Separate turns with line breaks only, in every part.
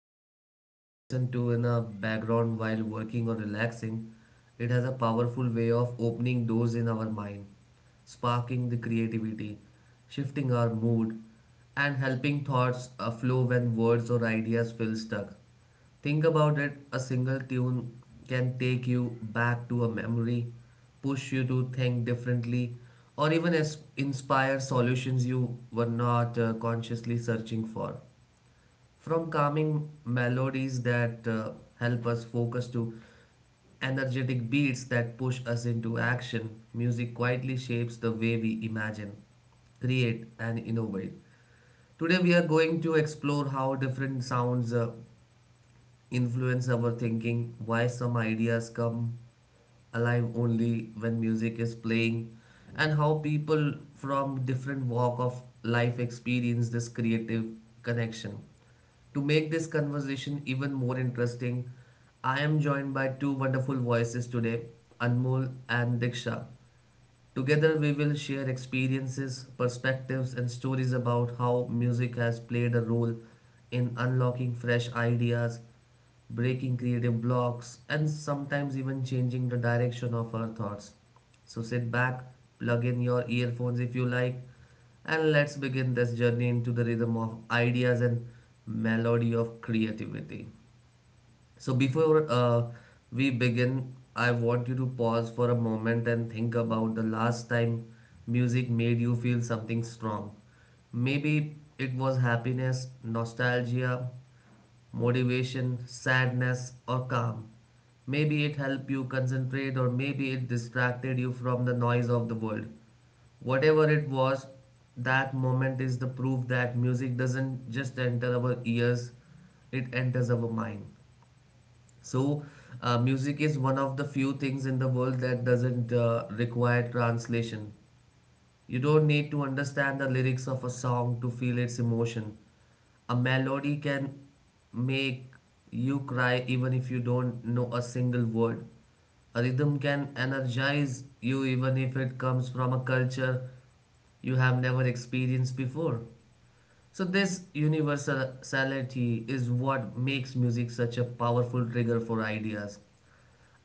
just something we listen to in a background while working or relaxing, it has a powerful way of opening doors in our mind, sparking the creativity, shifting our mood, and helping thoughts flow when words or ideas feel stuck. Think about it, a single tune can take you back to a memory, push you to think differently, or even as inspire solutions you were not consciously searching for. From calming melodies that help us focus to energetic beats that push us into action, music quietly shapes the way we imagine, create, and innovate. Today, we are going to explore how different sounds influence our thinking, why some ideas come alive only when music is playing, and how people from different walk of life experience this creative connection. To make this conversation even more interesting, I am joined by two wonderful voices today, Anmol and Diksha. Together, we will share experiences, perspectives, and stories about how music has played a role in unlocking fresh ideas, breaking creative blocks, and sometimes even changing the direction of our thoughts. So, sit back, plug in your earphones if you like, and let's begin this journey into the rhythm of ideas and melody of creativity. So before we begin, I want you to pause for a moment and think about the last time music made you feel something strong. Maybe it was happiness, nostalgia, motivation, sadness, or calm. Maybe it helped you concentrate, or maybe it distracted you from the noise of the world. Whatever it was, that moment is the proof that music doesn't just enter our ears, it enters our mind. So, music is one of the few things in the world that doesn't require translation. You don't need to understand the lyrics of a song to feel its emotion. A melody can make you cry even if you don't know a single word. A rhythm can energize you even if it comes from a culture you have never experienced before. So, this universality is what makes music such a powerful trigger for ideas.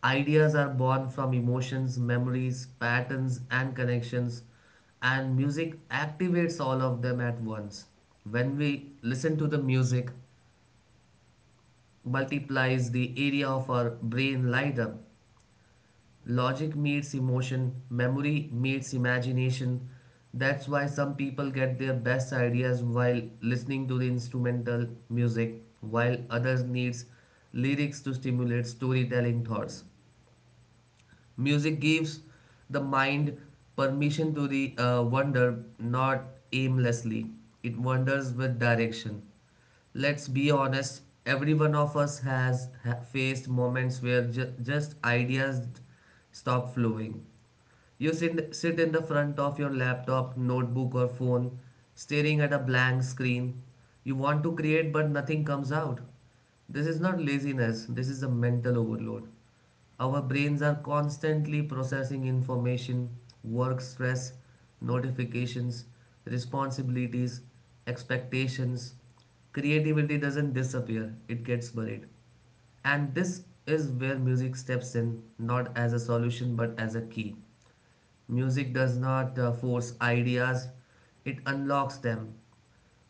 Ideas are born from emotions, memories, patterns, and connections, and music activates all of them at once. When we listen to the music, multiplies the area of our brain light up. Logic meets emotion, memory meets imagination. That's why some people get their best ideas while listening to the instrumental music, while others needs lyrics to stimulate storytelling thoughts. Music gives the mind permission to the wander, not aimlessly. It wanders with direction. Let's be honest, every one of us has faced moments where just ideas stop flowing. You sit in the front of your laptop, notebook, or phone, staring at a blank screen. You want to create, but nothing comes out. This is not laziness, this is a mental overload. Our brains are constantly processing information, work stress, notifications, responsibilities, expectations. Creativity doesn't disappear, it gets buried. And this is where music steps in, not as a solution but as a key. Music does not force ideas, it unlocks them.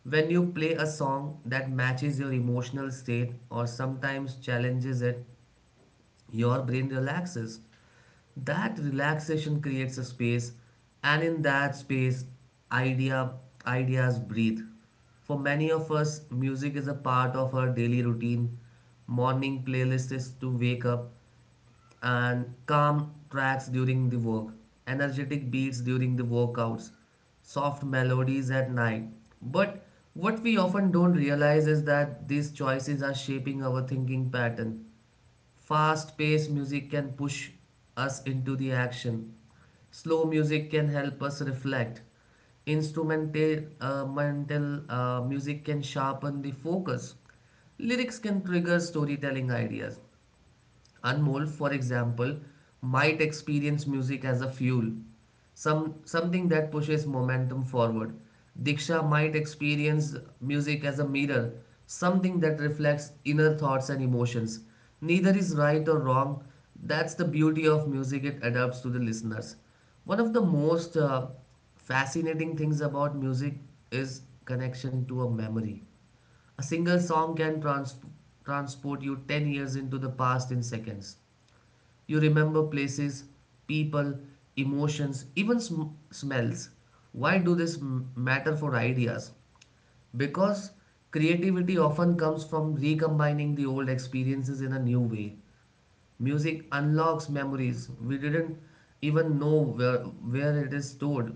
When you play a song that matches your emotional state or sometimes challenges it, your brain relaxes. That relaxation creates a space, and in that space, idea, ideas breathe. For many of us, music is a part of our daily routine. Morning playlist is to wake up, and calm tracks during the work, energetic beats during the workouts, soft melodies at night. But what we often don't realize is that these choices are shaping our thinking pattern. Fast paced music can push us into the action, slow music can help us reflect. Instrumental mental music can sharpen the focus. Lyrics can trigger storytelling ideas. Anmol, for example, might experience music as a fuel, something that pushes momentum forward. Diksha might experience music as a mirror, something that reflects inner thoughts and emotions. Neither is right or wrong. That's the beauty of music; it adapts to the listeners. One of the most fascinating things about music is connection to a memory. A single song can transport you 10 years into the past in seconds. You remember places, people, emotions, even smells. Why do this matter for ideas? Because creativity often comes from recombining the old experiences in a new way. Music unlocks memories we didn't even know where it is stored.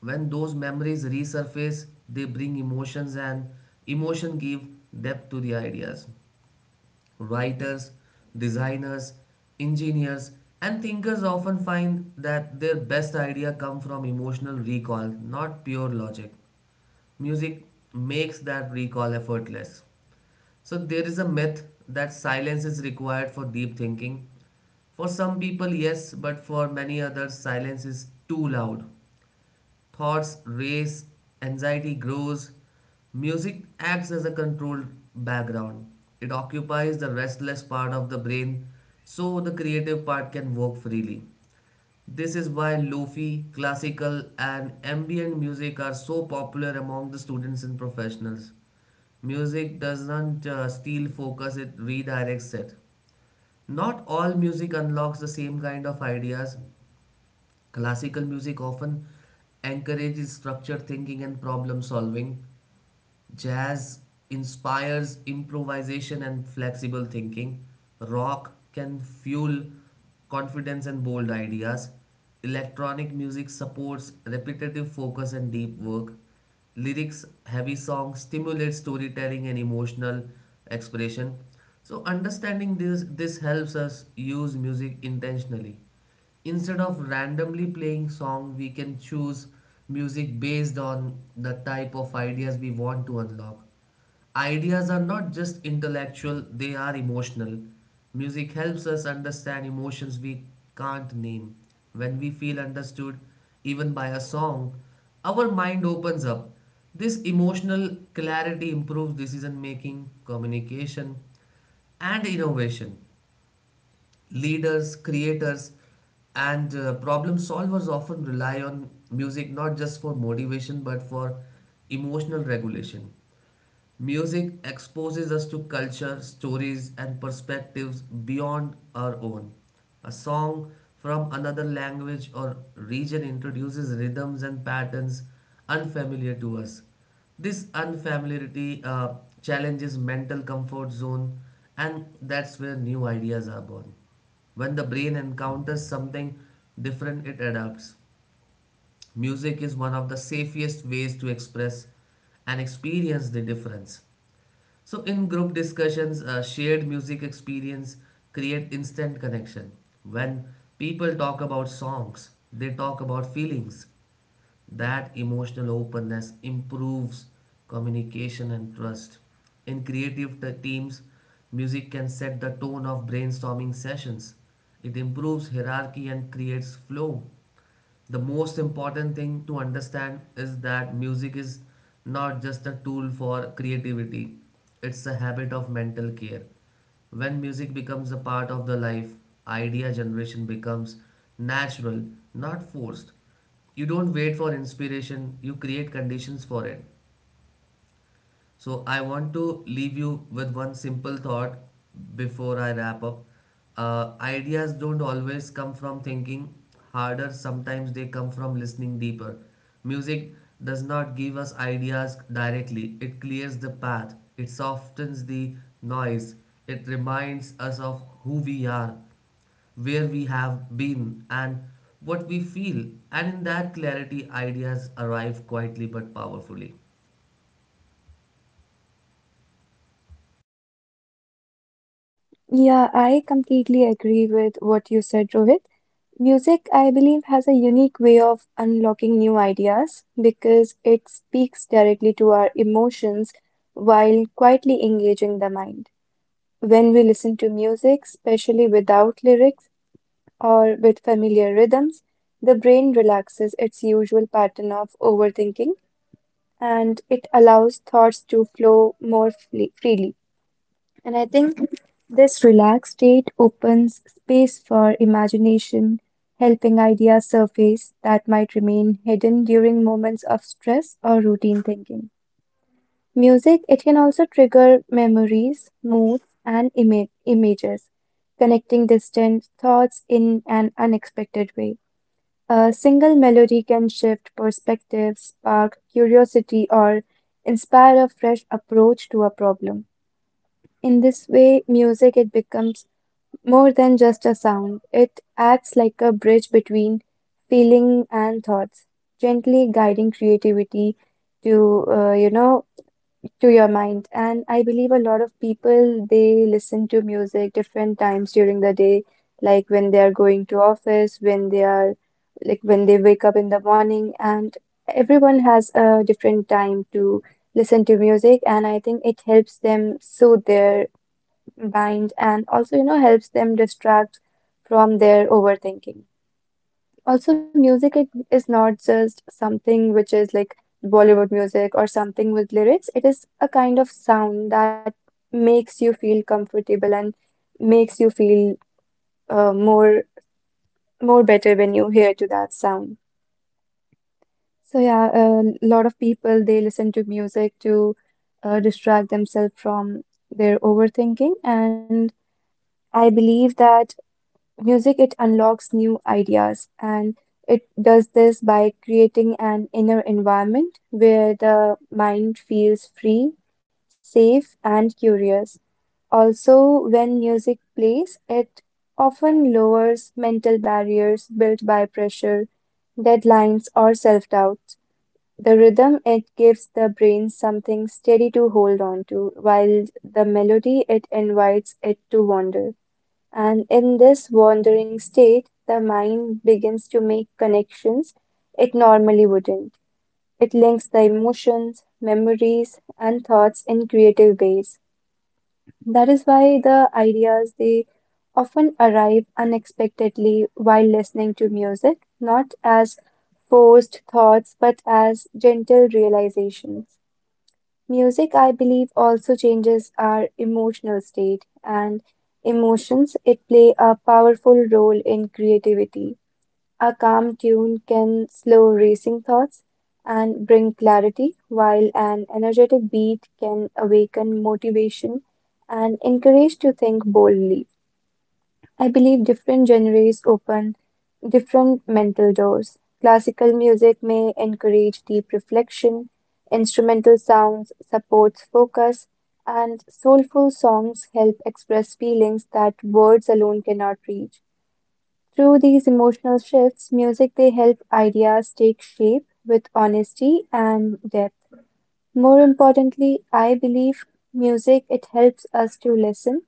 When those memories resurface, they bring emotions, and emotion give depth to the ideas. Writers, designers, engineers, and thinkers often find that their best idea come from emotional recall, not pure logic. Music makes that recall effortless. So there is a myth that silence is required for deep thinking. For some people, yes, but for many others, silence is too loud. Thoughts race, anxiety grows. Music acts as a controlled background. It occupies the restless part of the brain so the creative part can work freely. This is why lofi, classical, and ambient music are so popular among the students and professionals. Music doesn't steal focus, it redirects it. Not all music unlocks the same kind of ideas. Classical music often encourages structured thinking and problem solving. Jazz inspires improvisation and flexible thinking. Rock can fuel confidence and bold ideas. Electronic music supports repetitive focus and deep work. Lyrics heavy songs stimulate storytelling and emotional expression. So understanding this helps us use music intentionally instead of randomly playing song. We can choose music based on the type of ideas we want to unlock. Ideas are not just intellectual, they are emotional. Music helps us understand emotions we can't name. When we feel understood, even by a song, our mind opens up. This emotional clarity improves decision making, communication, and innovation. Leaders, creators, and problem solvers often rely on music not just for motivation but for emotional regulation. Music exposes us to culture, stories, and perspectives beyond our own. A song from another language or region introduces rhythms and patterns unfamiliar to us. This unfamiliarity challenges mental comfort zone, and that's where new ideas are born. When the brain encounters something different, it adapts. Music is one of the safest ways to express and experience the difference. So in group discussions, shared music experience create instant connection. When people talk about songs, they talk about feelings. That emotional openness improves communication and trust. In creative teams, music can set the tone of brainstorming sessions. It improves hierarchy and creates flow. The most important thing to understand is that music is not just a tool for creativity, it's a habit of mental care. When music becomes a part of the life, idea generation becomes natural, not forced. You don't wait for inspiration, you create conditions for it. So I want to leave you with one simple thought before I wrap up. Ideas don't always come from thinking harder, sometimes they come from listening deeper. Music does not give us ideas directly, it clears the path, it softens the noise, it reminds us of who we are, where we have been, and what we feel. And in that clarity, ideas arrive quietly but powerfully.
Yeah, I completely agree with what you said, Rohit. Music, I believe, has a unique way of unlocking new ideas because it speaks directly to our emotions while quietly engaging the mind. When we listen to music, especially without lyrics or with familiar rhythms, the brain relaxes its usual pattern of overthinking, and it allows thoughts to flow more freely. And I think this relaxed state opens space for imagination, helping ideas surface that might remain hidden during moments of stress or routine thinking. Music, it can also trigger memories, moods, and images, connecting distant thoughts in an unexpected way. A single melody can shift perspectives, spark curiosity, or inspire a fresh approach to a problem. In this way, music it becomes more than just a sound. It acts like a bridge between feeling and thoughts, gently guiding creativity to uh, you know to your mind. And I believe a lot of people they listen to music different times during the day, like when they are going to office, when they are like when they wake up in the morning, and everyone has a different time to listen to music, and I think it helps them soothe their bind and also helps them distract from their overthinking. Also, music it is not just something which is like Bollywood music or something with lyrics. It is a kind of sound that makes you feel comfortable and makes you feel uh, more more better when you hear to that sound. So yeah, a lot of people they listen to music to distract themselves from their overthinking. And I believe that music, it unlocks new ideas, and it does this by creating an inner environment where the mind feels free, safe, and curious. Also, when music plays, it often lowers mental barriers built by pressure, deadlines, or self-doubt. The rhythm, it gives the brain something steady to hold on to, while the melody, it invites it to wander. And in this wandering state, the mind begins to make connections it normally wouldn't. It links the emotions, memories, and thoughts in creative ways. That is why the ideas they often arrive unexpectedly while listening to music, not as forced thoughts but as gentle realizations. Music, I believe, also changes our emotional state and emotions. It play a powerful role in creativity. A calm tune can slow racing thoughts and bring clarity, while an energetic beat can awaken motivation and encourage to think boldly. I believe different genres open different mental doors. Classical music may encourage deep reflection, instrumental sounds supports focus, and soulful songs help express feelings that words alone cannot reach. Through these emotional shifts, music they help ideas take shape with honesty and depth. More importantly, I believe music it helps us to listen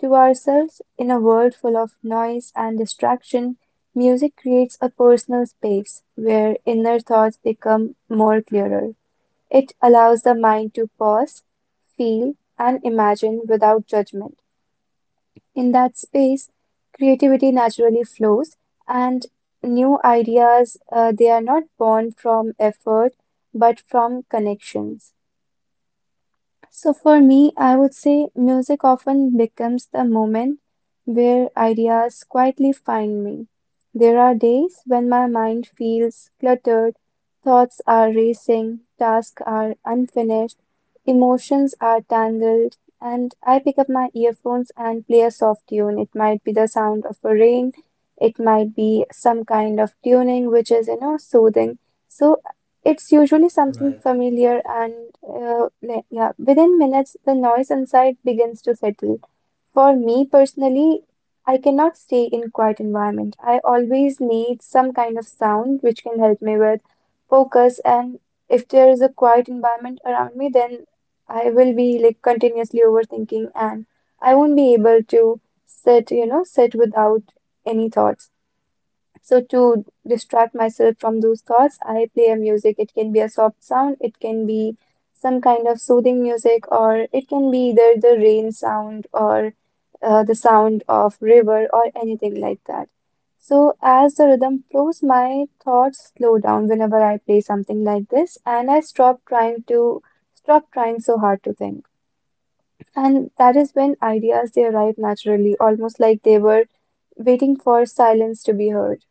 to ourselves in a world full of noise and distraction. Music creates a personal space where inner thoughts become more clearer. It allows the mind to pause, feel, and imagine without judgment. In that space, creativity naturally flows, and new ideas they are not born from effort but from connections. So for me, I would say music often becomes the moment where ideas quietly find me. There are days when my mind feels cluttered, thoughts are racing, tasks are unfinished, emotions are tangled, and I pick up my earphones and play a soft tune. It might be the sound of a rain, it might be some kind of tuning which is soothing. So it's usually something
Right.
familiar, and yeah, within minutes, the noise inside begins to settle. For me personally, I cannot stay in quiet environment. I always need some kind of sound which can help me with focus. And if there is a quiet environment around me, then I will be like continuously overthinking, and I won't be able to sit without any thoughts. So to distract myself from those thoughts, I play a music. It can be a soft sound, it can be some kind of soothing music, or it can be either the rain sound or the sound of river or anything like that. So as the rhythm flows, my thoughts slow down whenever I play something like this, and I stop trying so hard to think. And that is when ideas they arrive naturally, almost like they were waiting for silence to be heard.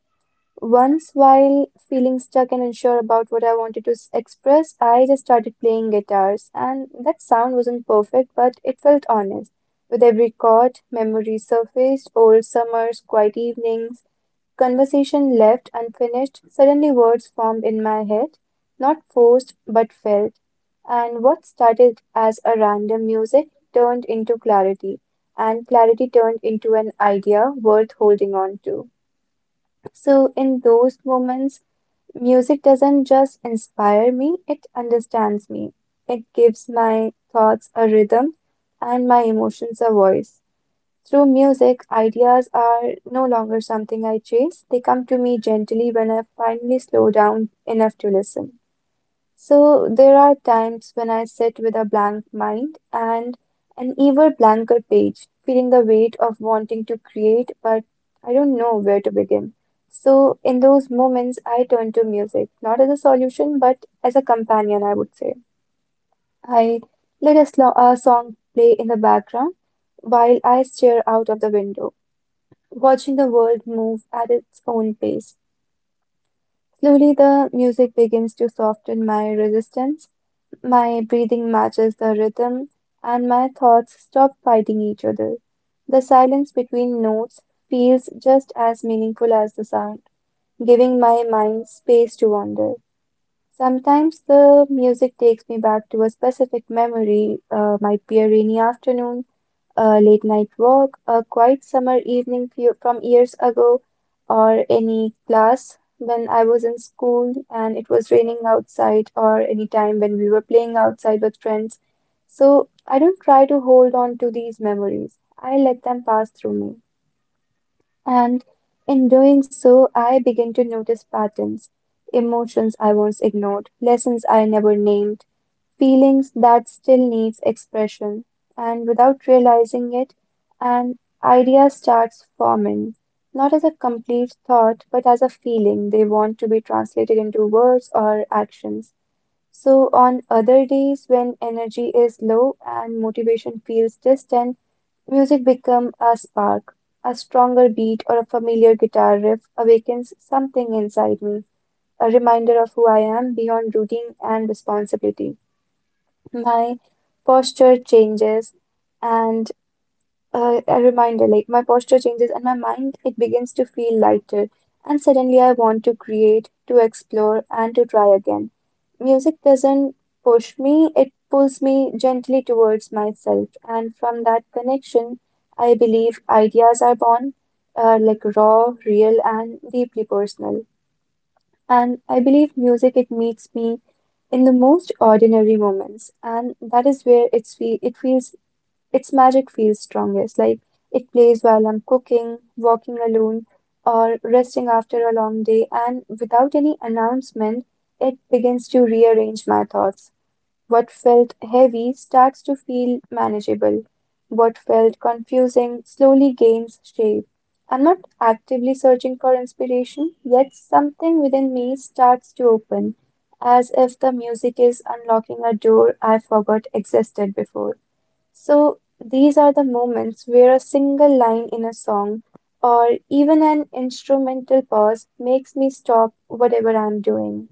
Once, while feeling stuck and unsure about what I wanted to express, I just started playing guitars, and that sound wasn't perfect, but it felt honest. With every chord, memories surfaced, old summers, quiet evenings, conversation left unfinished. Suddenly, words formed in my head, not forced but felt. And what started as a random music turned into clarity, and clarity turned into an idea worth holding on to. So, in those moments, music doesn't just inspire me, it understands me. It gives my thoughts a rhythm and my emotions a voice. Through music, ideas are no longer something I chase, they come to me gently when I finally slow down enough to listen. So there are times when I sit with a blank mind and an even blanker page, feeling the weight of wanting to create, but I don't know where to begin. So in those moments, I turn to music, not as a solution, but as a companion, I would say. I let a song play in the background while I stare out of the window, watching the world move at its own pace. Slowly, the music begins to soften my resistance. My breathing matches the rhythm, and my thoughts stop fighting each other. The silence between notes feels just as meaningful as the sound, giving my mind space to wander. Sometimes the music takes me back to a specific memory, might be a rainy afternoon, a late night walk, a quiet summer evening few from years ago, or any class when I was in school and it was raining outside, or any time when we were playing outside with friends. So I don't try to hold on to these memories, I let them pass through me. And in doing so, I begin to notice patterns, emotions I once ignored, lessons I never named, feelings that still needs expression. And without realizing it, an idea starts forming, not as a complete thought, but as a feeling they want to be translated into words or actions. So on other days when energy is low and motivation feels distant, music becomes a spark. A stronger beat or a familiar guitar riff awakens something inside me, a reminder of who I am beyond routine and responsibility. My posture changes, and a reminder like my posture changes and my mind it begins to feel lighter, and suddenly I want to create, to explore, and to try again. Music doesn't push me, it pulls me gently towards myself, and from that connection I believe ideas are born, like raw, real, and deeply personal. And I believe music it meets me in the most ordinary moments, and that is where it feels its magic feels strongest. Like it plays while I'm cooking, walking alone, or resting after a long day, and without any announcement, it begins to rearrange my thoughts. What felt heavy starts to feel manageable. What felt confusing slowly gains shape. I'm not actively searching for inspiration, yet something within me starts to open, as if the music is unlocking a door I forgot existed before. So, these are the moments where a single line in a song or even an instrumental pause makes me stop whatever I'm doing.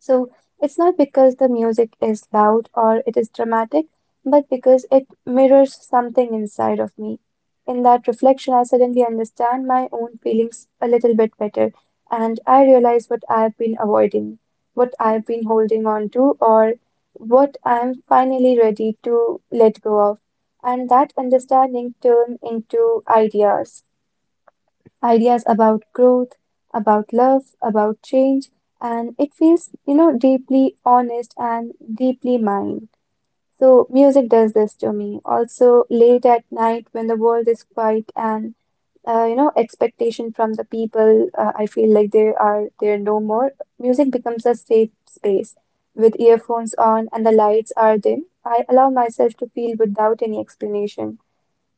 So it's not because the music is loud or it is dramatic, but because it mirrors something inside of me. In that reflection, I suddenly understand my own feelings a little bit better, and I realize what I've been avoiding, what I've been holding on to, or what I'm finally ready to let go of. And that understanding turn into ideas about growth, about love, about change, and it feels deeply honest and deeply mine. So, music does this to me. Also, late at night when the world is quiet and expectation from the people, I feel like there are there no more. Music becomes a safe space. With earphones on and the lights are dim, I allow myself to feel without any explanation.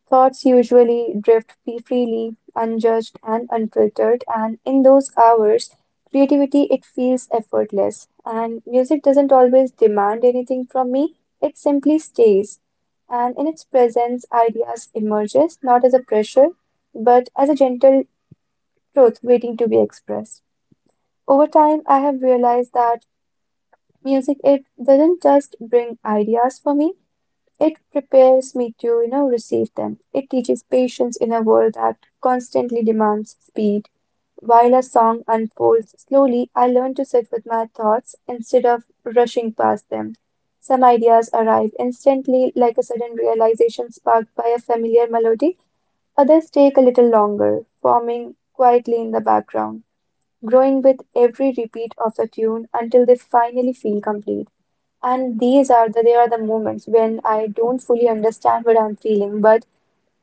Thoughts usually drift freely, unjudged and unfiltered, and in those hours, creativity it feels effortless. And music doesn't always demand anything from me, it simply stays. And in its presence, ideas emerges not as a pressure, but as a gentle truth waiting to be expressed. Over time, I have realized that music it doesn't just bring ideas for me, it prepares me to receive them. It teaches patience in a world that constantly demands speed. While a song unfolds slowly, I learn to sit with my thoughts instead of rushing past them. Some ideas arrive instantly, like a sudden realization sparked by a familiar melody. Others take a little longer, forming quietly in the background, growing with every repeat of the tune until they finally feel complete. And these are the moments when I don't fully understand what I'm feeling, but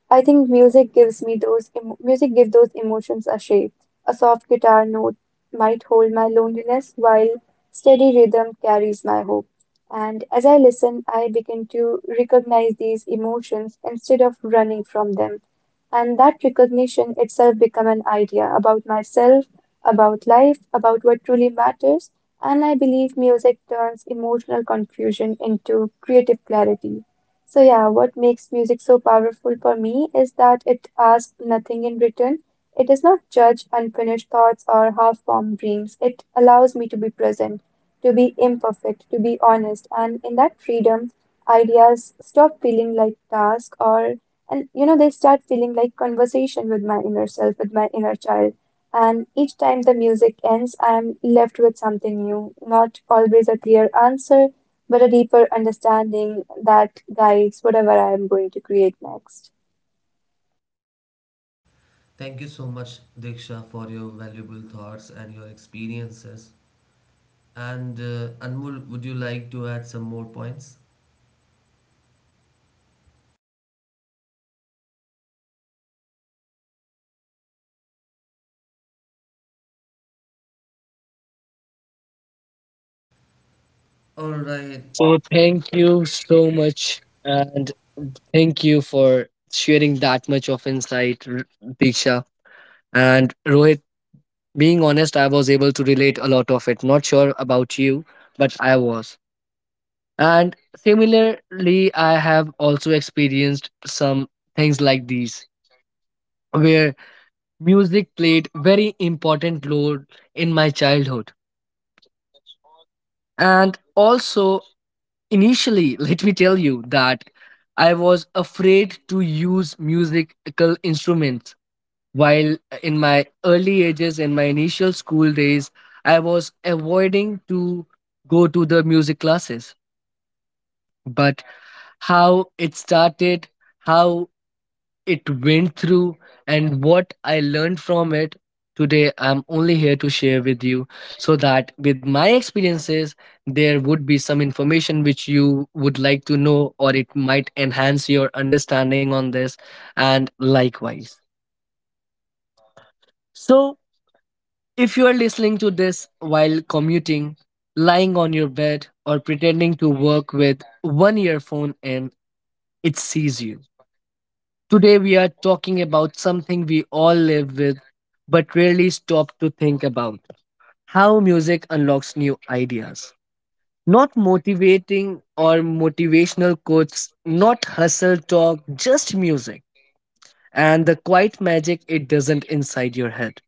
I think music gives me those emo music give those emotions a shape. A soft guitar note might hold my loneliness while steady rhythm carries my hope. And as I listen, I begin to recognize these emotions instead of running from them. And that recognition itself become an idea about myself, about life, about what truly matters. And I believe music turns emotional confusion into creative clarity. So, yeah, what makes music so powerful for me is that it asks nothing in return. It does not judge unfinished thoughts or half formed dreams. It allows me to be present, to be imperfect, to be honest. And in that freedom, ideas stop feeling like task or, and they start feeling like conversation with my inner self, with my inner child. And each time the music ends, I'm left with something new, not always a clear answer but a deeper understanding that guides whatever I am going to create next.
Thank you so much, Diksha, for your valuable thoughts and your experiences. And Anmol, would you like to add some more points? All right.
So thank you so much, and thank you for sharing that much of insight, Diksha and Rohit. Being honest, I was able to relate a lot of it. Not sure about you, but I was. And similarly, I have also experienced some things like these, where music played very important role in my childhood, and also initially, let me tell you that I was afraid to use musical instruments. While in my early ages, in my initial school days, I was avoiding to go to the music classes. But how it started, how it went through and what I learned from it. Today, I'm only here to share with you so that with my experiences, there would be some information which you would like to know, or it might enhance your understanding on this, and likewise. So, if you are listening to this while commuting, lying on your bed, or pretending to work with one earphone in, it sees you. Today, we are talking about something we all live with but rarely stop to think about how music unlocks new ideas. Not motivating or motivational quotes, not hustle talk, just music and the quiet magic it doesn't inside your head.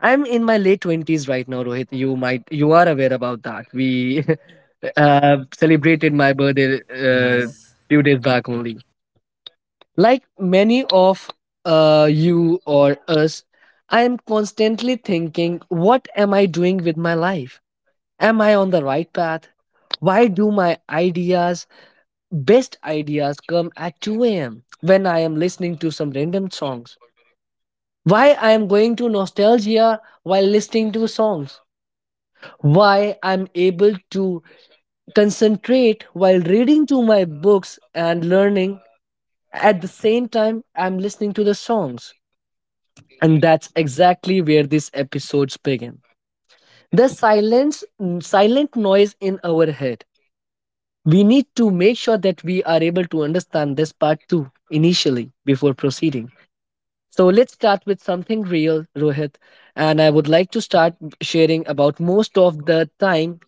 I'm in my late 20s right now, Rohit. You might, you are aware about that. We celebrated my birthday uh,
Yes,
few days back only. Like many of you or us, I am constantly thinking, what am I doing with my life? Am I on the right path? Why do my ideas, best ideas, come at 2 a.m. when I am listening to some random songs? Why I am going to nostalgia while listening to songs? Why I'm able to concentrate while reading to my books and learning at the same time I'm listening to the songs? And that's exactly where these episodes begin. The silence, silent noise in our head. We need to make sure that we are able to understand this part too initially before proceeding. So let's start with something real, Rohit. And I would like to start sharing about most of the time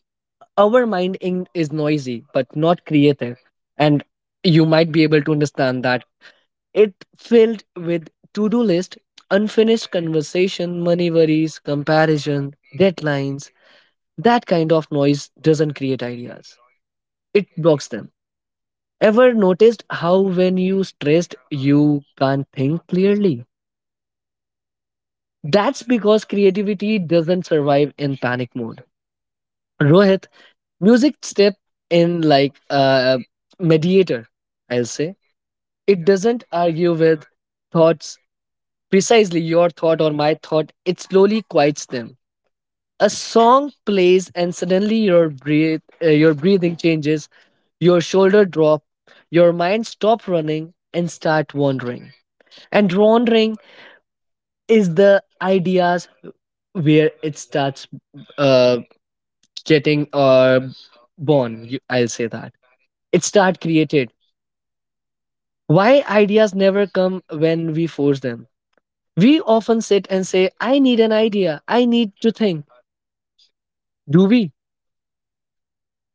our is noisy but not creative. And you might be able to understand that it filled with to-do list, unfinished conversation, money worries, comparison, deadlines. That kind of noise doesn't create ideas. It blocks them. Ever noticed how when you stressed you can't think clearly? That's because creativity doesn't survive in panic mode. Rohit, music step in like a mediator, I'll say. It doesn't argue with thoughts, precisely your thought or my thought. It slowly quiets them. A song plays and suddenly your breathe, your breathing changes, your shoulder drop, your mind stop running and start wandering. And wandering is the ideas, where it starts uh, getting born. I'll say that it start created. Why ideas never come when we force them? We often sit and say, I need an idea, I need to think. Do we?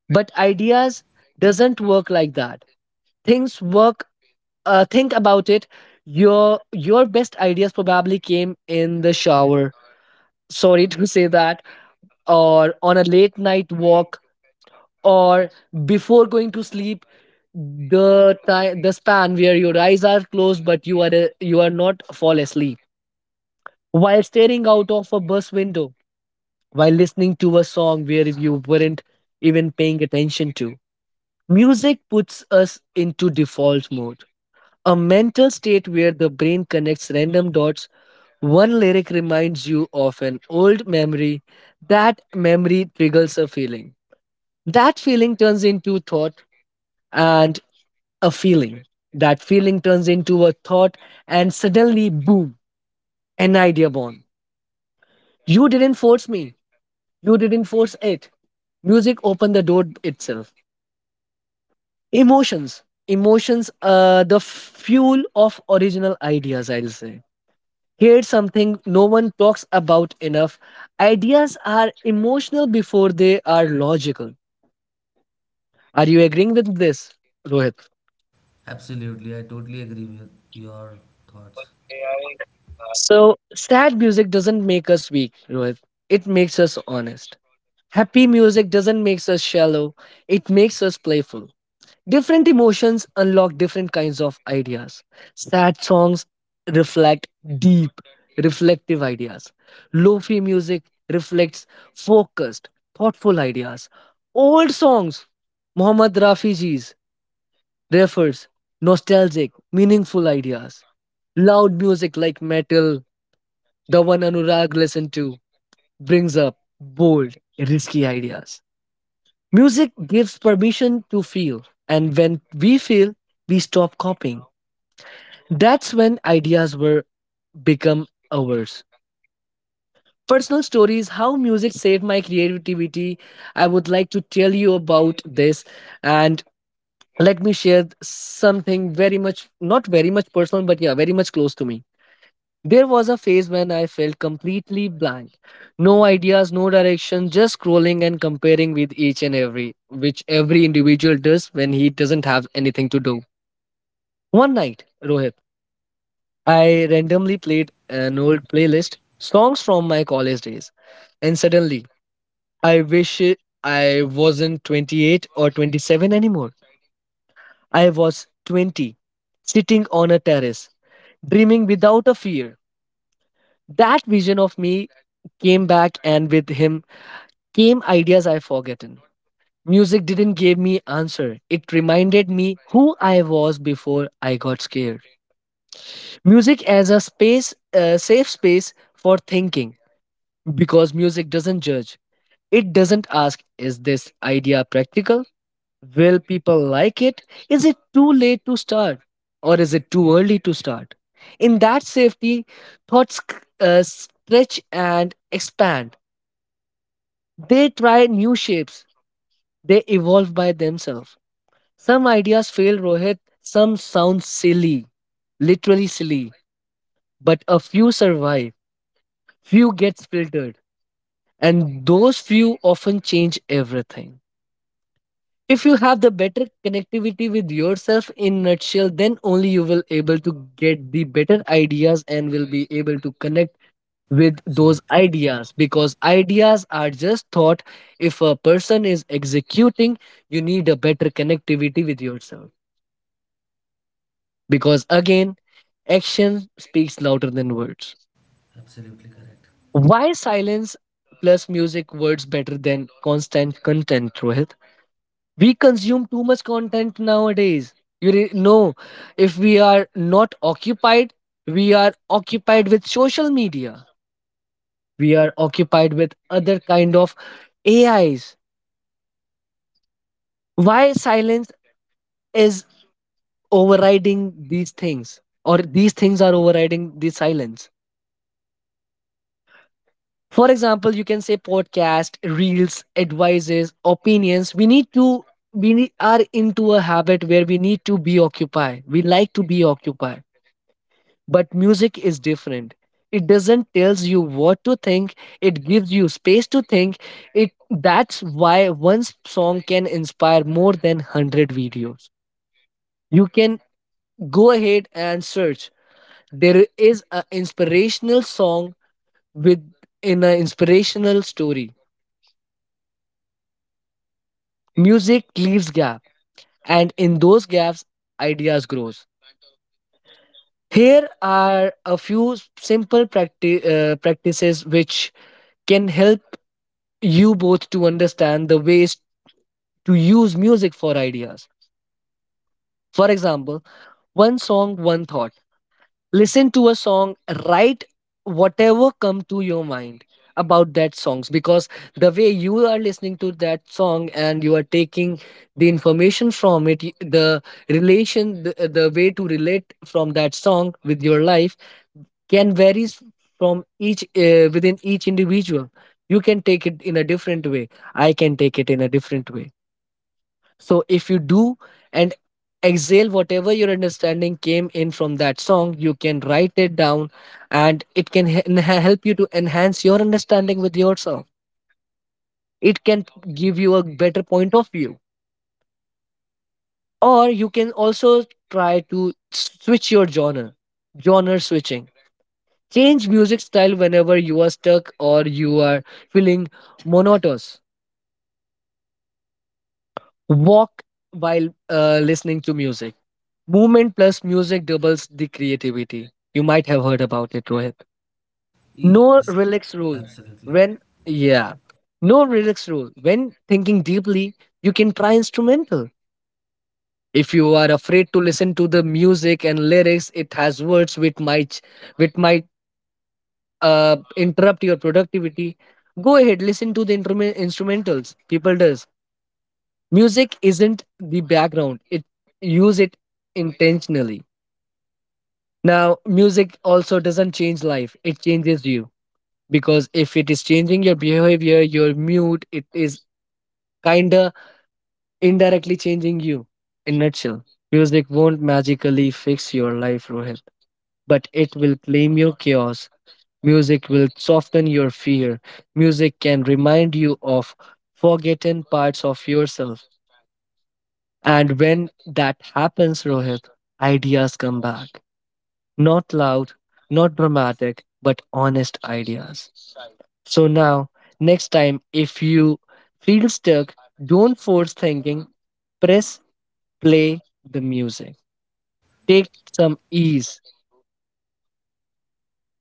But ideas doesn't work like that. Things work. Think about it. Your best ideas probably came in the shower, sorry to say that, or on a late night walk, or before going to sleep, the time, the span where your eyes are closed but you are not fall asleep, while staring out of a bus window, while listening to a song where you weren't even paying attention to. Music puts us into default mode. A mental state where the brain connects random dots. One lyric reminds you of an old memory. That memory triggers a feeling. That feeling turns into thought and a feeling. That feeling turns into a thought, and suddenly, boom, an idea born. You didn't force me. You didn't force it. Music opened the door itself. Emotions. Emotions are the fuel of original ideas, I'll say. Here's something no one talks about enough. Ideas are emotional before they are logical. Are you agreeing with this, Rohit?
absolutely. I totally agree with your thoughts.
So, sad music doesn't make us weak, Rohit. It makes us honest. Happy music doesn't make us shallow. It makes us playful. Different emotions unlock different kinds of ideas. Sad songs reflect deep, reflective ideas. Lofi music reflects focused, thoughtful ideas. Old songs, Muhammad Rafiji's, refers nostalgic, meaningful ideas. Loud music like metal, the one Anurag listened to, brings up bold, risky ideas. Music gives permission to feel, and when we feel, we stop copying. That's when ideas were become ours. Personal stories, how music saved my creativity. I would like to tell you about this, and let me share something very much, not very much personal, but yeah, very much close to me. There was a phase when I felt completely blank. No ideas, no direction, just scrolling and comparing with each and every, which every individual does when he doesn't have anything to do. One night, Rohit. I randomly played an old playlist, songs from my college days, and suddenly I wasn't 28 or 27 anymore. I was 20, sitting on a terrace, dreaming without a fear. That vision of me came back, and with him came ideas I forgotten. Music didn't give me answer. It reminded me who I was before I got scared. Music as a space, a safe space for thinking. Because music doesn't judge. It doesn't ask, is this idea practical? Will people like it? Is it too late to start? Or is it too early to start? In that safety, thoughts stretch and expand. They try new shapes, they evolve by themselves. Some ideas fail, Rohit, some sound silly, literally silly, but a few survive, few gets filtered, and those few often change everything. If you have the better connectivity with yourself in nutshell, then only you will able to get the better ideas and will be able to connect with those
Absolutely.
ideas, because ideas are just thought. If a person is executing, you need a better connectivity with yourself, because again, action speaks louder than words.
Absolutely correct.
Why silence plus music words better than constant content, Rohit? We consume too much content nowadays. Know, if we are not occupied, we are occupied with social media, we are occupied with other kind of AIs. Why silence is overriding these things, or these things are overriding the silence? For example, you can say podcast, reels, advices, opinions. We need to, are into a habit where we need to be occupied, we like to be occupied. But music is different. It doesn't tells you what to think. It gives you space to think. It, that's why song can inspire more than 100 videos. You can go ahead and search. There is an inspirational song with, in an inspirational story. Music leaves gap, and in those gaps ideas grows. Here are a few practices which can help you both to understand the ways to use music for ideas. For example, one song, one thought. Listen to a song, write whatever come to your mind about that songs, because the way you are listening to that song and you are taking the information from it, the relation, the way to relate from that song with your life can varies from each within each individual. You can take it in a different way, I can take it in a different way. So if you do and exhale whatever your understanding came in from that song, you can write it down, and it can help you to enhance your understanding with yourself. It can give you a better point of view. Or you can also try to switch your genre, genre switching. Change music style whenever you are stuck or you are feeling monotonous. Walk while listening to music. Movement plus music doubles the creativity. You might have heard about it, Rohit. No
Yes,
relax rule.
absolutely.
When yeah, no relax rule. When thinking deeply, you can try instrumental. If you are afraid to listen to the music and lyrics, it has words which might, which might interrupt your productivity. Go ahead, listen to the instrumentals. People does music isn't the background. It, use it intentionally. Now, music also doesn't change life, it changes you. Because if it is changing your behavior, your mood, it is kinda indirectly changing you. In nutshell, music won't magically fix your life, Rohit, but it will claim your chaos. Music will soften your fear. Music can remind you of forgotten parts of yourself. And when that happens, Rohit, ideas come back. Not loud, not dramatic, but honest ideas. So now, next time, if you feel stuck, don't force thinking, press play the music. Take some ease.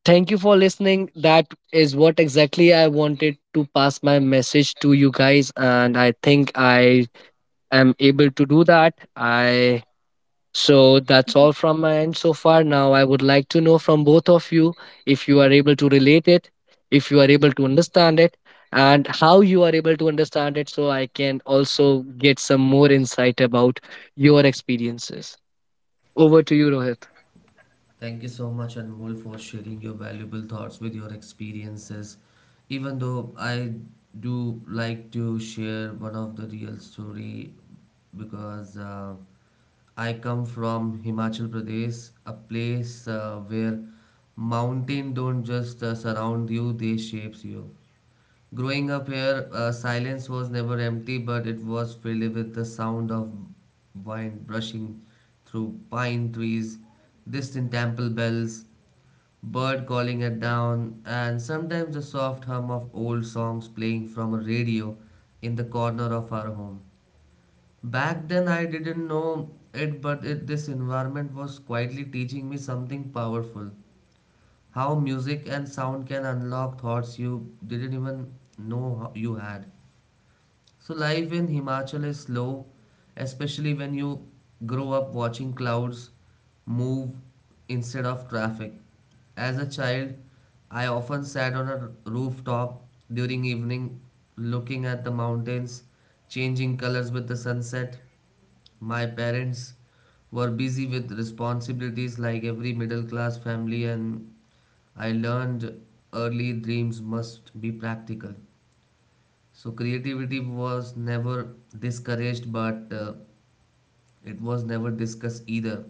Thank you for listening. That is what exactly I wanted to pass my message to you guys, and I think I am able to do that. I, so that's all from my end so far. Now I would like to know from both of you if you are able to relate it, if you are able to understand it, and how you are able to understand it so I can also get some more insight about your experiences. Over to you, Rohit.
Thank you so much, Anmol, for sharing your valuable thoughts with your experiences. Even though I do like to share one of the real story because. I come from Himachal Pradesh, a place where mountain don't just surround you, they shapes you. Growing up here, silence was never empty, but it was filled with the sound of wind brushing through pine trees, distant temple bells, bird calling at dawn, and sometimes the soft hum of old songs playing from a radio in the corner of our home. Back then, I didn't know it, but it, this environment was quietly teaching me something powerful. How music and sound can unlock thoughts you didn't even know you had. So, life in Himachal is slow, especially when you grow up watching clouds move instead of traffic. As a child, I often sat on a rooftop during evening looking at the mountains changing colors with the sunset. My parents were busy with responsibilities like every middle class family, and I learned early dreams must be practical. So, creativity was never discouraged, but it was never discussed either.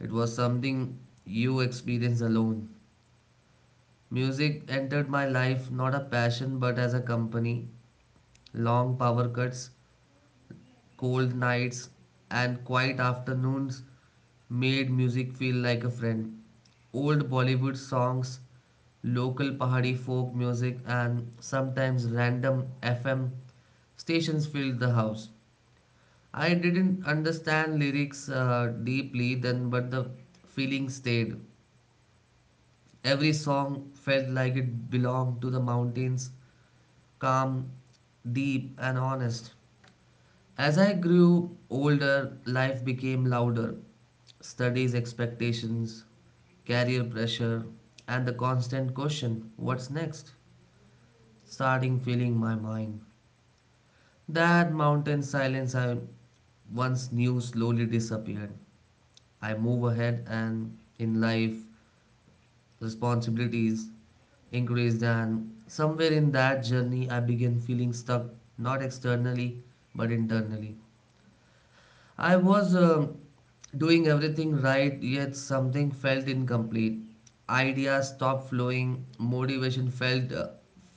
It was something you experience alone. Music entered my life not a passion but as a company. Long power cuts, cold nights, and quiet afternoons made music feel like a friend. Old Bollywood songs, local Pahari folk music, and sometimes random FM stations filled the house. I didn't understand lyrics deeply then, but the feeling stayed. Every song felt like it belonged to the mountains, calm, deep, and honest. As I grew older, life became louder. Studies, expectations, career pressure, and the constant question, what's next? Starting filling my mind. That mountain silence I once knew slowly disappeared. I move ahead, and in life, responsibilities increased, and somewhere in that journey, I began feeling stuck, not externally, but internally. I was doing everything right, yet something felt incomplete. Ideas stopped flowing, motivation felt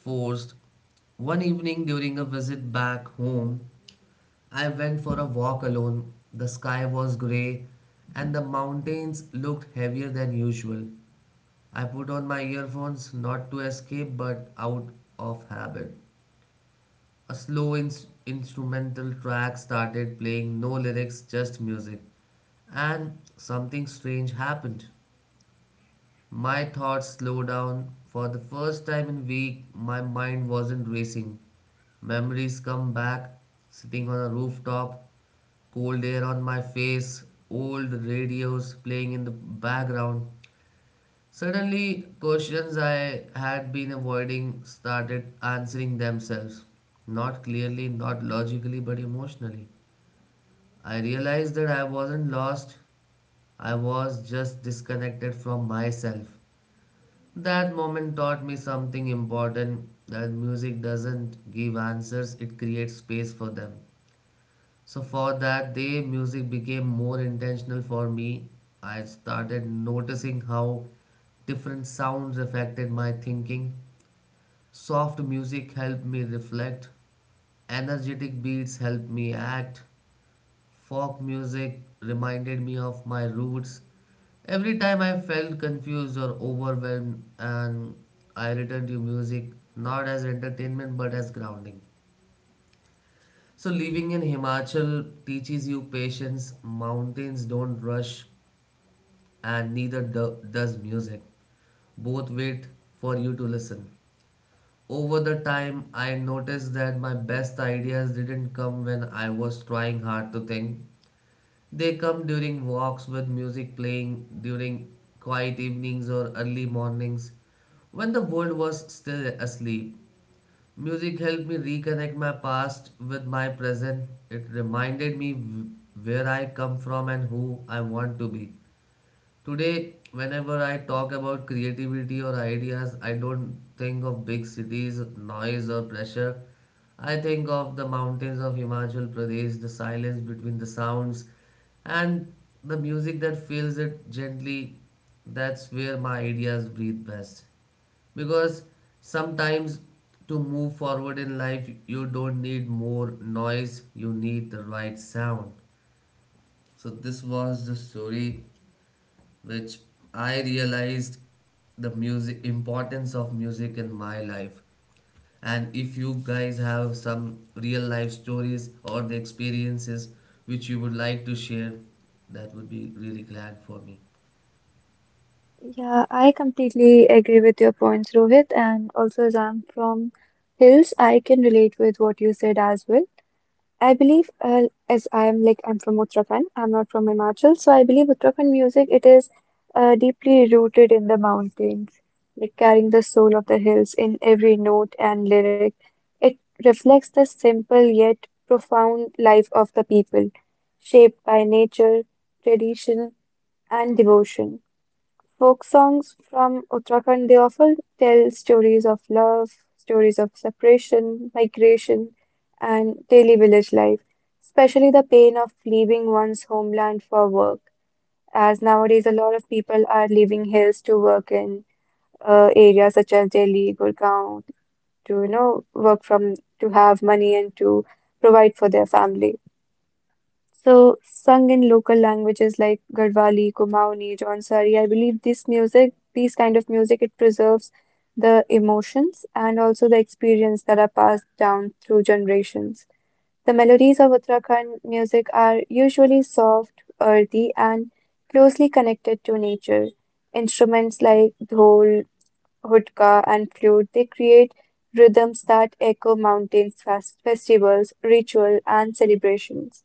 forced. One evening during a visit back home, I went for a walk alone. The sky was grey and the mountains looked heavier than usual. I put on my earphones not to escape but out of habit. A slow instrumental track started playing, no lyrics, just music. And something strange happened. My thoughts slowed down. For the first time in week, my mind wasn't racing. Memories come back, sitting on a rooftop, cold air on my face, old radios playing in the background. Suddenly, questions I had been avoiding started answering themselves. Not clearly, not logically, but emotionally. I realized that I wasn't lost, I was just disconnected from myself. That moment taught me something important, that music doesn't give answers, it creates space for them. So for that day, music became more intentional for me. I started noticing how different sounds affected my thinking. Soft music helped me reflect, energetic beats helped me act, folk music reminded me of my roots. Every time I felt confused or overwhelmed, and I returned to music not as entertainment but as grounding. So living in Himachal teaches you patience, mountains don't rush, and neither does music. Both wait for you to listen. Over the time, I noticed that my best ideas didn't come when I was trying hard to think. They come during walks with music playing, during quiet evenings or early mornings, when the world was still asleep. Music helped me reconnect my past with my present. It reminded me where I come from and who I want to be. Today, whenever I talk about creativity or ideas, I don't think of big cities, noise, or pressure. I think of the mountains of Himachal Pradesh, the silence between the sounds, and the music that fills it gently. That's where my ideas breathe best. Because sometimes to move forward in life, you don't need more noise, you need the right sound. So, this was the story which I realized the music importance of music in my life. And if you guys have some real life stories or the experiences which you would like to share, that would be really glad for me.
Yeah, I completely agree with your points, Rohit, and also as I'm from hills, I can relate with what you said as well. I believe, as I am like I'm from Uttarakhand, I'm not from Himachal, so I believe Uttarakhand music it is deeply rooted in the mountains, like carrying the soul of the hills in every note and lyric. It reflects the simple yet profound life of the people, shaped by nature, tradition, and devotion. Folk songs from Uttarakhand, they often tell stories of love, stories of separation, migration, and daily village life, especially the pain of leaving one's homeland for work, as nowadays a lot of people are leaving hills to work in areas such as Delhi, Gurgaon, to work from to have money and to provide for their family. So, sung in local languages like Garhwali, Kumaoni, Jaunsari, I believe this music, these kind of music, it preserves the emotions and also the experience that are passed down through generations. The melodies of Uttarakhand music are usually soft, earthy, and closely connected to nature. Instruments like dhol, hudka, and flute, they create rhythms that echo mountains, festivals, ritual, and celebrations.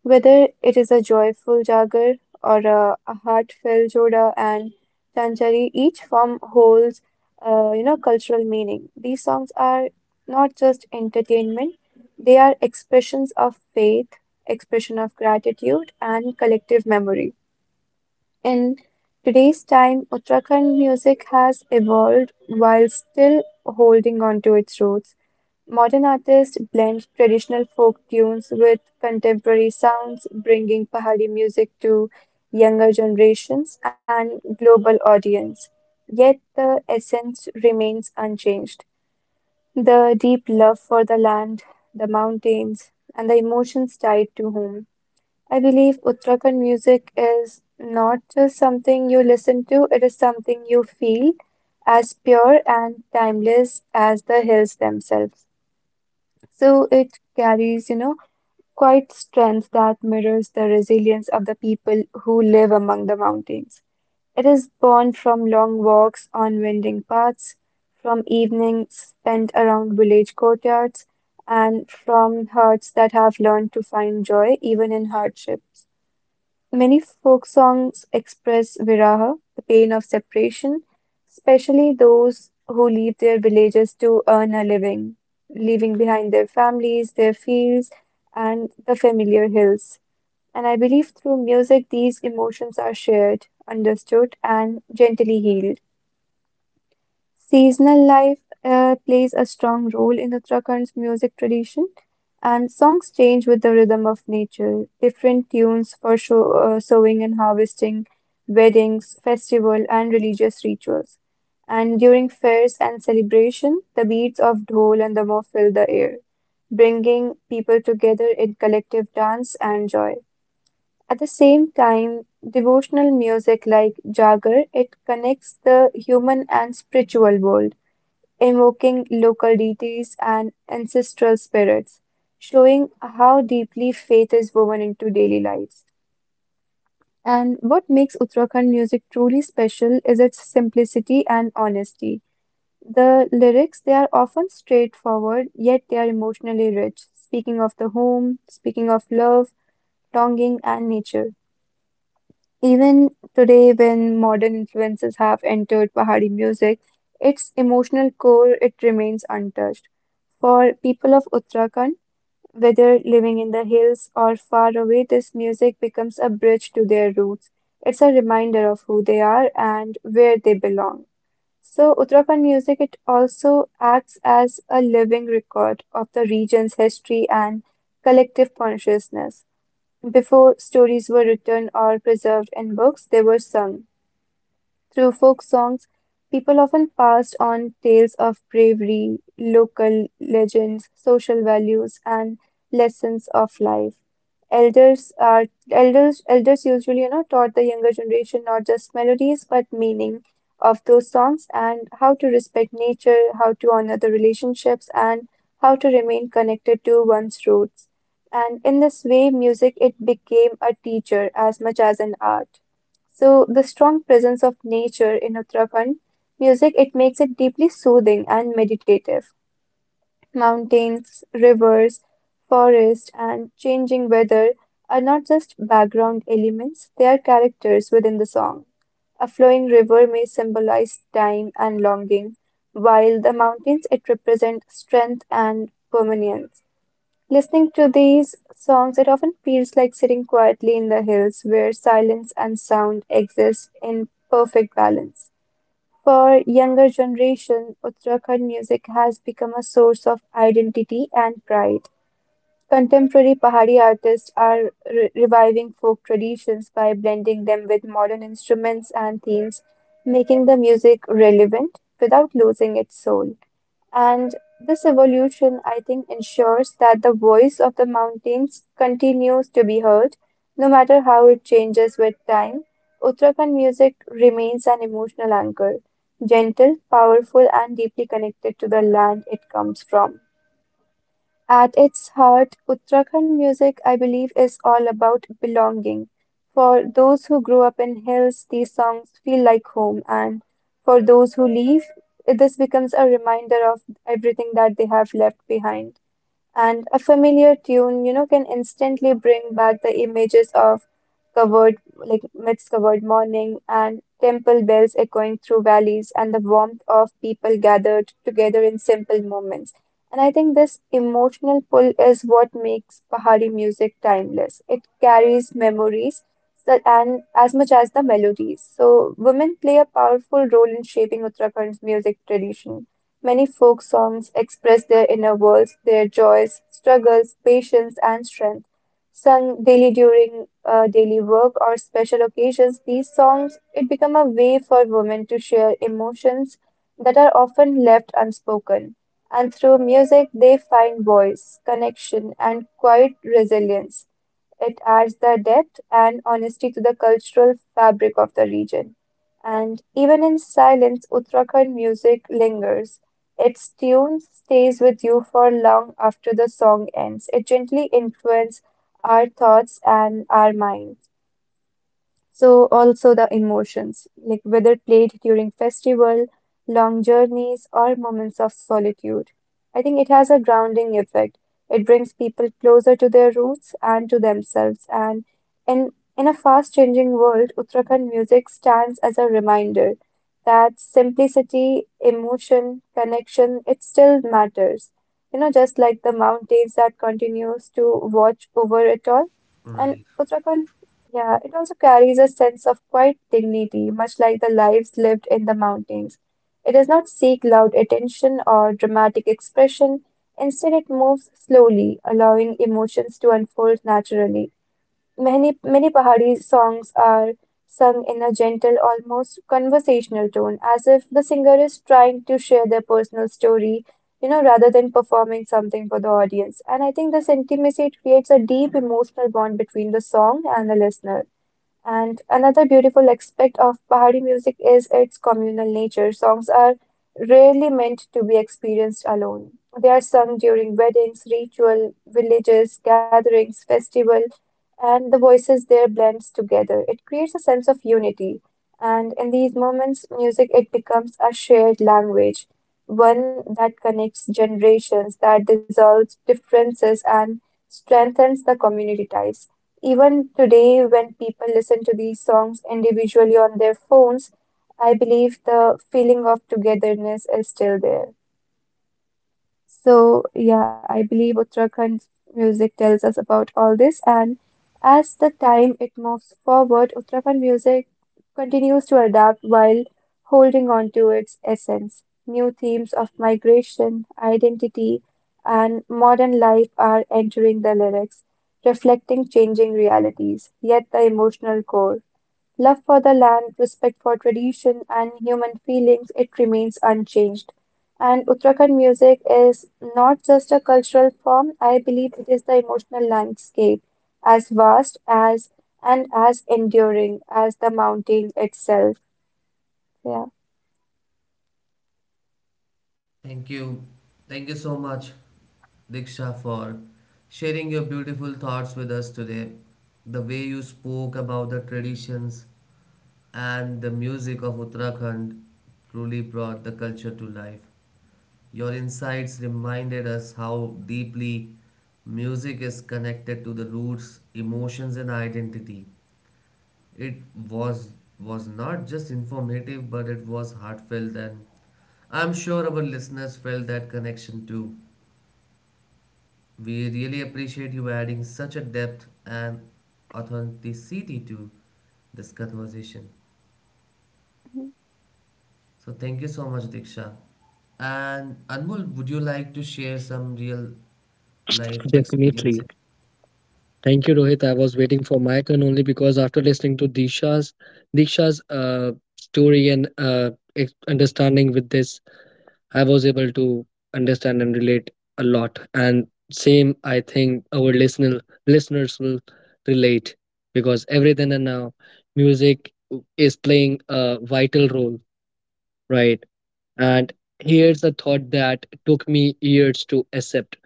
Whether it is a joyful Jagar or a heartfelt Joda and Tanchari, each form holds, cultural meaning. These songs are not just entertainment; they are expressions of faith, expression of gratitude, and collective memory. In today's time, Uttarakhand music has evolved while still holding on to its roots. Modern artists blend traditional folk tunes with contemporary sounds, bringing Pahari music to younger generations and global audience. Yet the essence remains unchanged. The deep love for the land, the mountains, and the emotions tied to home. I believe Uttarakhand music is not just something you listen to, it is something you feel, as pure and timeless as the hills themselves. So it carries, quite strength that mirrors the resilience of the people who live among the mountains. It is born from long walks on winding paths, from evenings spent around village courtyards, and from hearts that have learned to find joy even in hardships. Many folk songs express viraha, the pain of separation, especially those who leave their villages to earn a living, leaving behind their families, their fields, and the familiar hills. And I believe through music, these emotions are shared, understood, and gently healed. Seasonal life plays a strong role in Uttarakhand's music tradition, and songs change with the rhythm of nature. Different tunes for sowing and harvesting, weddings, festival, and religious rituals. And during fairs and celebration, the beats of dhol and damol fill the air, bringing people together in collective dance and joy. At the same time, devotional music like Jagar, it connects the human and spiritual world, invoking local deities and ancestral spirits, showing how deeply faith is woven into daily lives. And what makes Uttarakhand music truly special is its simplicity and honesty. The lyrics, they are often straightforward, yet they are emotionally rich, speaking of the home, speaking of love, longing, and nature. Even today, when modern influences have entered Pahari music, its emotional core it remains untouched. For people of Uttarakhand, whether living in the hills or far away, this music becomes a bridge to their roots. It's a reminder of who they are and where they belong. So Uttarakhand music it also acts as a living record of the region's history and collective consciousness. Before stories were written or preserved in books, they were sung. Through folk songs, people often passed on tales of bravery, local legends, social values, and lessons of life. Elders are elders elders usually, taught the younger generation not just melodies but meaning of those songs and how to respect nature, how to honor the relationships, and how to remain connected to one's roots. And in this way, music it became a teacher as much as an art. So the strong presence of nature in Uttarakhand music it makes it deeply soothing and meditative. Mountains, rivers, forest and changing weather are not just background elements, they are characters within the song. A flowing river may symbolize time and longing, while the mountains it represent strength and permanence. Listening to these songs, it often feels like sitting quietly in the hills where silence and sound exist in perfect balance. For younger generation, Uttarakhand music has become a source of identity and pride. Contemporary Pahari artists are reviving folk traditions by blending them with modern instruments and themes, making the music relevant without losing its soul. And this evolution, I think, ensures that the voice of the mountains continues to be heard, no matter how it changes with time. Uttarakhand music remains an emotional anchor, gentle, powerful, and deeply connected to the land it comes from. At its heart, Uttarakhand music, I believe, is all about belonging. For those who grew up in hills, these songs feel like home, and for those who leave, this becomes a reminder of everything that they have left behind, and a familiar tune, can instantly bring back the images of covered, like mist covered morning and temple bells echoing through valleys and the warmth of people gathered together in simple moments. And I think this emotional pull is what makes Pahari music timeless. It carries memories and as much as the melodies. So women play a powerful role in shaping Uttarakhand's music tradition. Many folk songs express their inner worlds, their joys, struggles, patience, and strength. Sung daily during daily work or special occasions, these songs it become a way for women to share emotions that are often left unspoken. And through music, they find voice, connection, and quiet resilience. It adds the depth and honesty to the cultural fabric of the region. And even in silence, Uttarakhand music lingers. Its tune stays with you for long after the song ends. It gently influences our thoughts and our minds. So also the emotions, like whether played during festival, long journeys, or moments of solitude. I think it has a grounding effect. It brings people closer to their roots and to themselves. And in in a fast changing world, Uttarakhand music stands as a reminder that simplicity, emotion, connection, it still matters. You know, just like the mountains that continues to watch over it all. And
Right.
Uttarakhand, yeah, it also carries a sense of quiet dignity, much like the lives lived in the mountains. It does not seek loud attention or dramatic expression. Instead, it moves slowly, allowing emotions to unfold naturally. Many, many Pahari songs are sung in a gentle, almost conversational tone, as if the singer is trying to share their personal story, rather than performing something for the audience. And I think this intimacy, it creates a deep emotional bond between the song and the listener. And another beautiful aspect of Pahari music is its communal nature. Songs are rarely meant to be experienced alone. They are sung during weddings, ritual, villages, gatherings, festival, and the voices there blends together. It creates a sense of unity. And in these moments, music it becomes a shared language, one that connects generations, that dissolves differences and strengthens the community ties. Even today, when people listen to these songs individually on their phones, I believe the feeling of togetherness is still there. So, yeah, I believe Uttarakhand music tells us about all this. And as the time it moves forward, Uttarakhand music continues to adapt while holding on to its essence. New themes of migration, identity, and modern life are entering the lyrics, reflecting changing realities, yet the emotional core. Love for the land, respect for tradition, and human feelings, it remains unchanged. And Uttarakhand music is not just a cultural form, I believe it is the emotional landscape, as vast as and as enduring as the mountain itself. Yeah.
Thank you. Thank you so much, Diksha, for sharing your beautiful thoughts with us today. The way you spoke about the traditions and the music of Uttarakhand truly brought the culture to life. Your insights reminded us how deeply music is connected to the roots, emotions, and identity. It was was not just informative, but it was heartfelt, and I'm sure our listeners felt that connection too. We really appreciate you adding such a depth and authenticity to this conversation.
Mhm.
So thank you so much, Diksha. And Anmol, would you like to share some real life
Definitely.
experiences?
Thank you, Rohit. I was waiting for my turn only because after listening to Disha's Diksha's story and understanding with this I was able to understand and relate a lot. And same, I think our listeners will relate because every then and now, music is playing a vital role, right? And here's a thought that took me years to accept.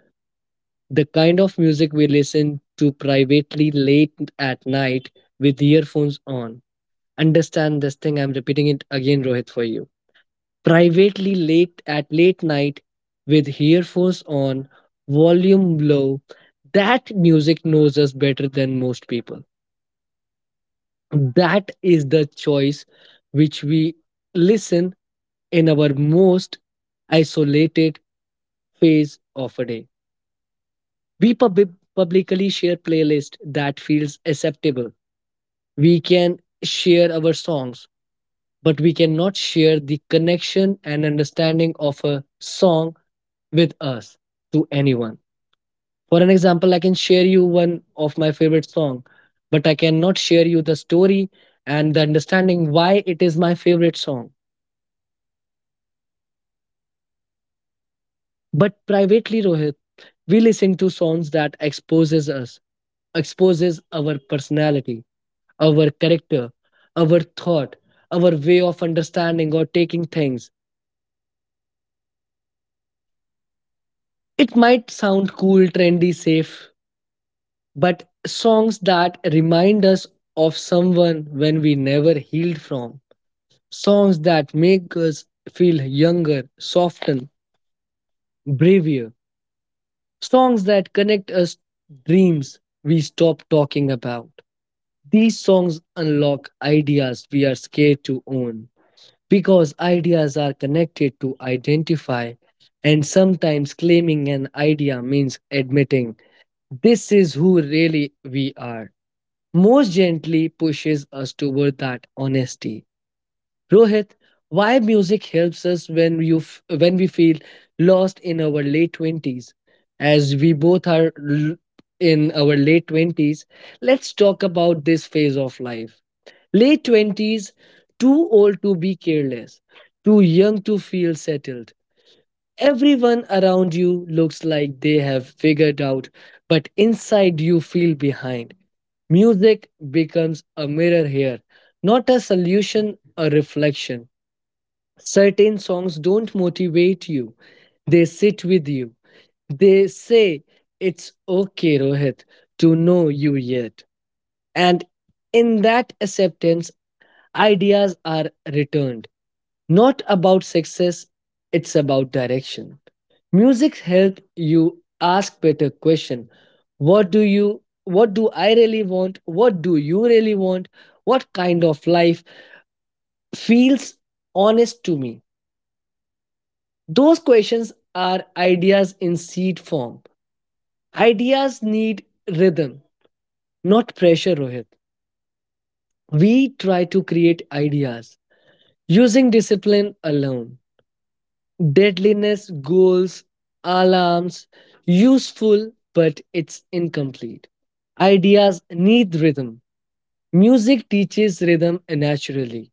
The kind of music we listen to privately late at night with earphones on. Understand this thing, I'm repeating it again, Rohit, for you privately late at late night with earphones on, volume low. That music knows us better than most people. That is the choice which we listen in our most isolated phase of a day. Publicly share playlist that feels acceptable. We can share our songs, but we cannot share the connection and understanding of a song with us to anyone. For an example, I can share you one of my favorite song, but I cannot share you the story and the understanding why it is my favorite song. But privately, Rohit, we listen to songs that exposes us, exposes our personality, our character, our thought, our way of understanding or taking things. It might sound cool, trendy, safe, but songs that remind us of someone when we never healed from, songs that make us feel younger, soften, braver, songs that connect us dreams we stop talking about, these songs unlock ideas we are scared to own, because ideas are connected to identify, and sometimes claiming an idea means admitting this is who really we are most gently pushes us toward that honesty. Rohit, why music helps us when we feel lost in our late 20s, as we both are in our late 20s. Let's talk about this phase of life. Late 20s, too old to be careless, too young to feel settled. Everyone around you looks like they have figured out, but inside you feel behind. Music becomes a mirror here, not a solution, a reflection. Certain songs don't motivate you, they sit with you. They say it's okay, Rohit, to know you yet. And in that acceptance, ideas are returned. Not about success, it's about direction. Music help you ask better question. What do I really want? What do you really want? What kind of life feels honest to me? Those questions are ideas in seed form. Ideas need rhythm, not pressure, Rohit. We try to create ideas using discipline alone. Deadliness goals, alarms, useful, but it's incomplete. Ideas need rhythm. Music teaches rhythm naturally.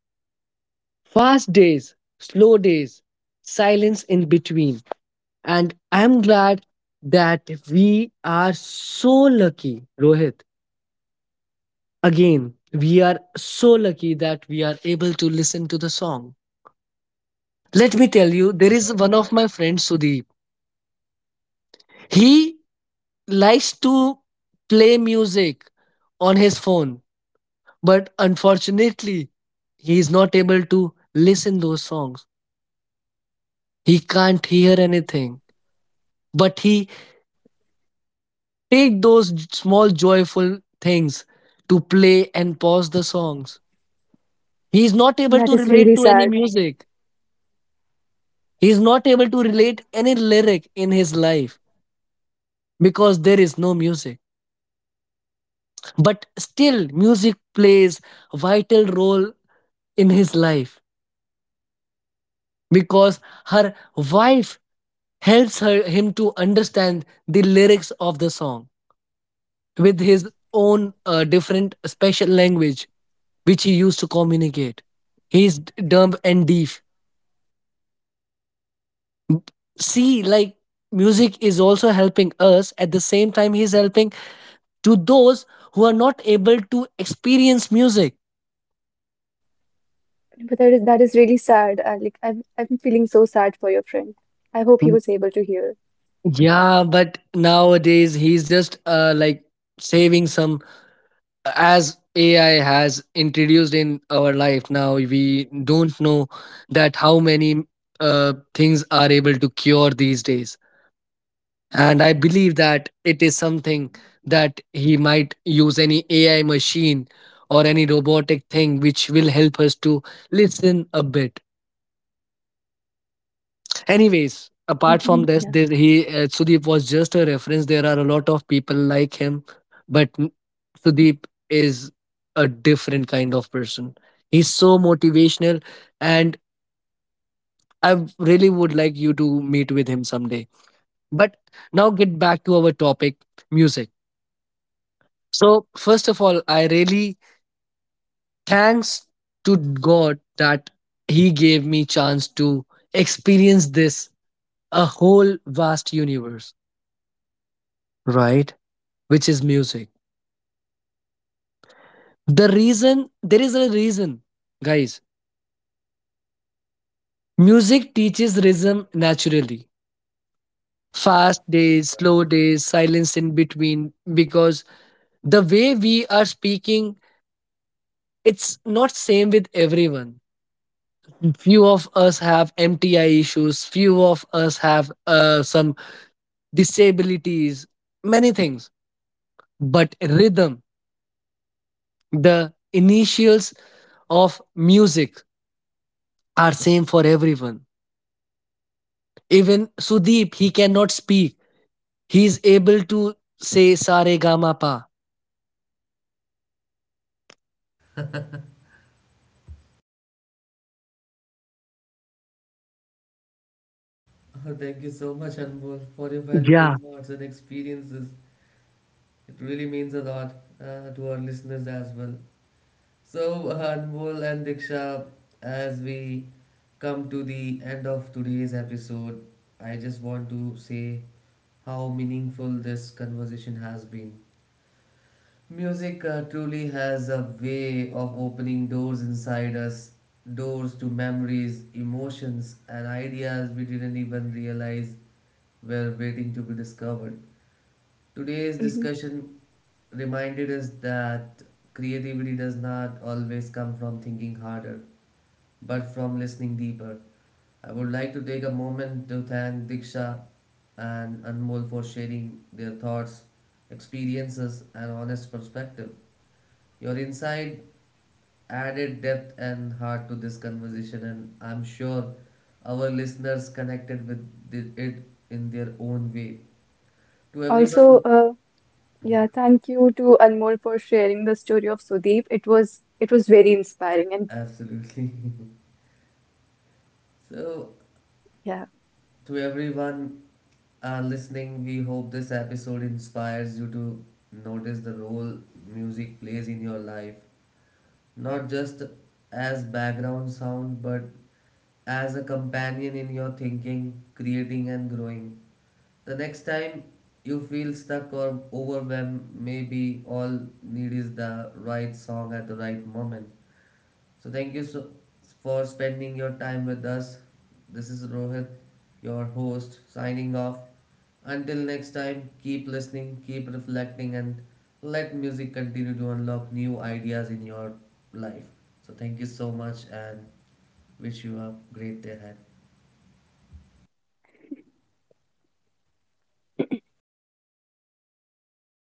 Fast days, slow days, silence in between. And I'm glad that we are so lucky, Rohit. Again, we are so lucky that we are able to listen to the song. Let me tell you, there is one of my friends, Sudeep. He likes to play music on his phone, but unfortunately he is not able to listen those songs. He can't hear anything, but he take those small joyful things to play and pause the songs. He is not able
That
to
is
relate
really
to any
sad.
music, he is not able to
Yeah,
relate any lyric in his life because there is no music. But still music plays a vital role in his life, because her wife helps her him to understand the lyrics of the song with his own different special language which he used to communicate. Dumb and deaf. See, like, music is also helping us. At the same time he's helping to those who are not able to experience music.
but that is really sad. Like I'm feeling so sad for your friend. I hope
Mm,
he was able to hear.
yeah, but nowadays he's just like saving some. As AI has introduced in our life now, we don't know that how many things are able to cure these days. And I believe that it is something that he might use any AI machine or any robotic thing which will help us to listen a bit. Anyways, apart from
Hmm,
this, there,
yeah.
he Sudeep was just a reference. There are a lot of people like him, but Sudeep is a different kind of person. He's so motivational, and I really would like you to meet with him someday. But now get back to our topic, music. So first of all, I really thanks to God that He gave me chance to experience this a whole vast universe. Right. Which is music. The reason, there is a reason, guys. Music teaches rhythm naturally. Fast days, slow days, silence in between, because the way we are speaking, it's not same with everyone. Few of us have MTI issues, few of us have some disabilities, many things. But rhythm, the initials of music are same for everyone. Even Sudeep, he cannot speak. He's able to say "sa re ga ma pa."
Oh, thank you so much, Anmol, for your valuable
Yeah.
thoughts and experiences. It really means a lot to our listeners as well. So, Anmol and Diksha, as we come to the end of today's episode, I just want to say how meaningful this conversation has been. Music truly has a way of opening doors inside us, doors to memories, emotions, and ideas we didn't even realize were waiting to be discovered. Today's
Hmm.
discussion reminded us that creativity does not always come from thinking harder, but from listening deeper. I would like to take a moment to thank Diksha and Anmol for sharing their thoughts, experiences, and honest perspective. Your insight added depth and heart to this conversation, and I'm sure our listeners connected with it in their own way. To
Also,
everyone,
uh, yeah, thank you to Anmol for sharing the story of Sudeep. It was very inspiring and
absolutely. So,
yeah.
to everyone listening, we hope this episode inspires you to notice the role music plays in your life, not just as background sound, but as a companion in your thinking, creating, and growing. The next time you feel stuck or overwhelmed, maybe all need is the right song at the right moment. So thank you so for spending your time with us. This is Rohit, your host, signing off. Until next time, keep listening, keep reflecting, and let music continue to unlock new ideas in your life. So thank you so much and wish you a great day ahead.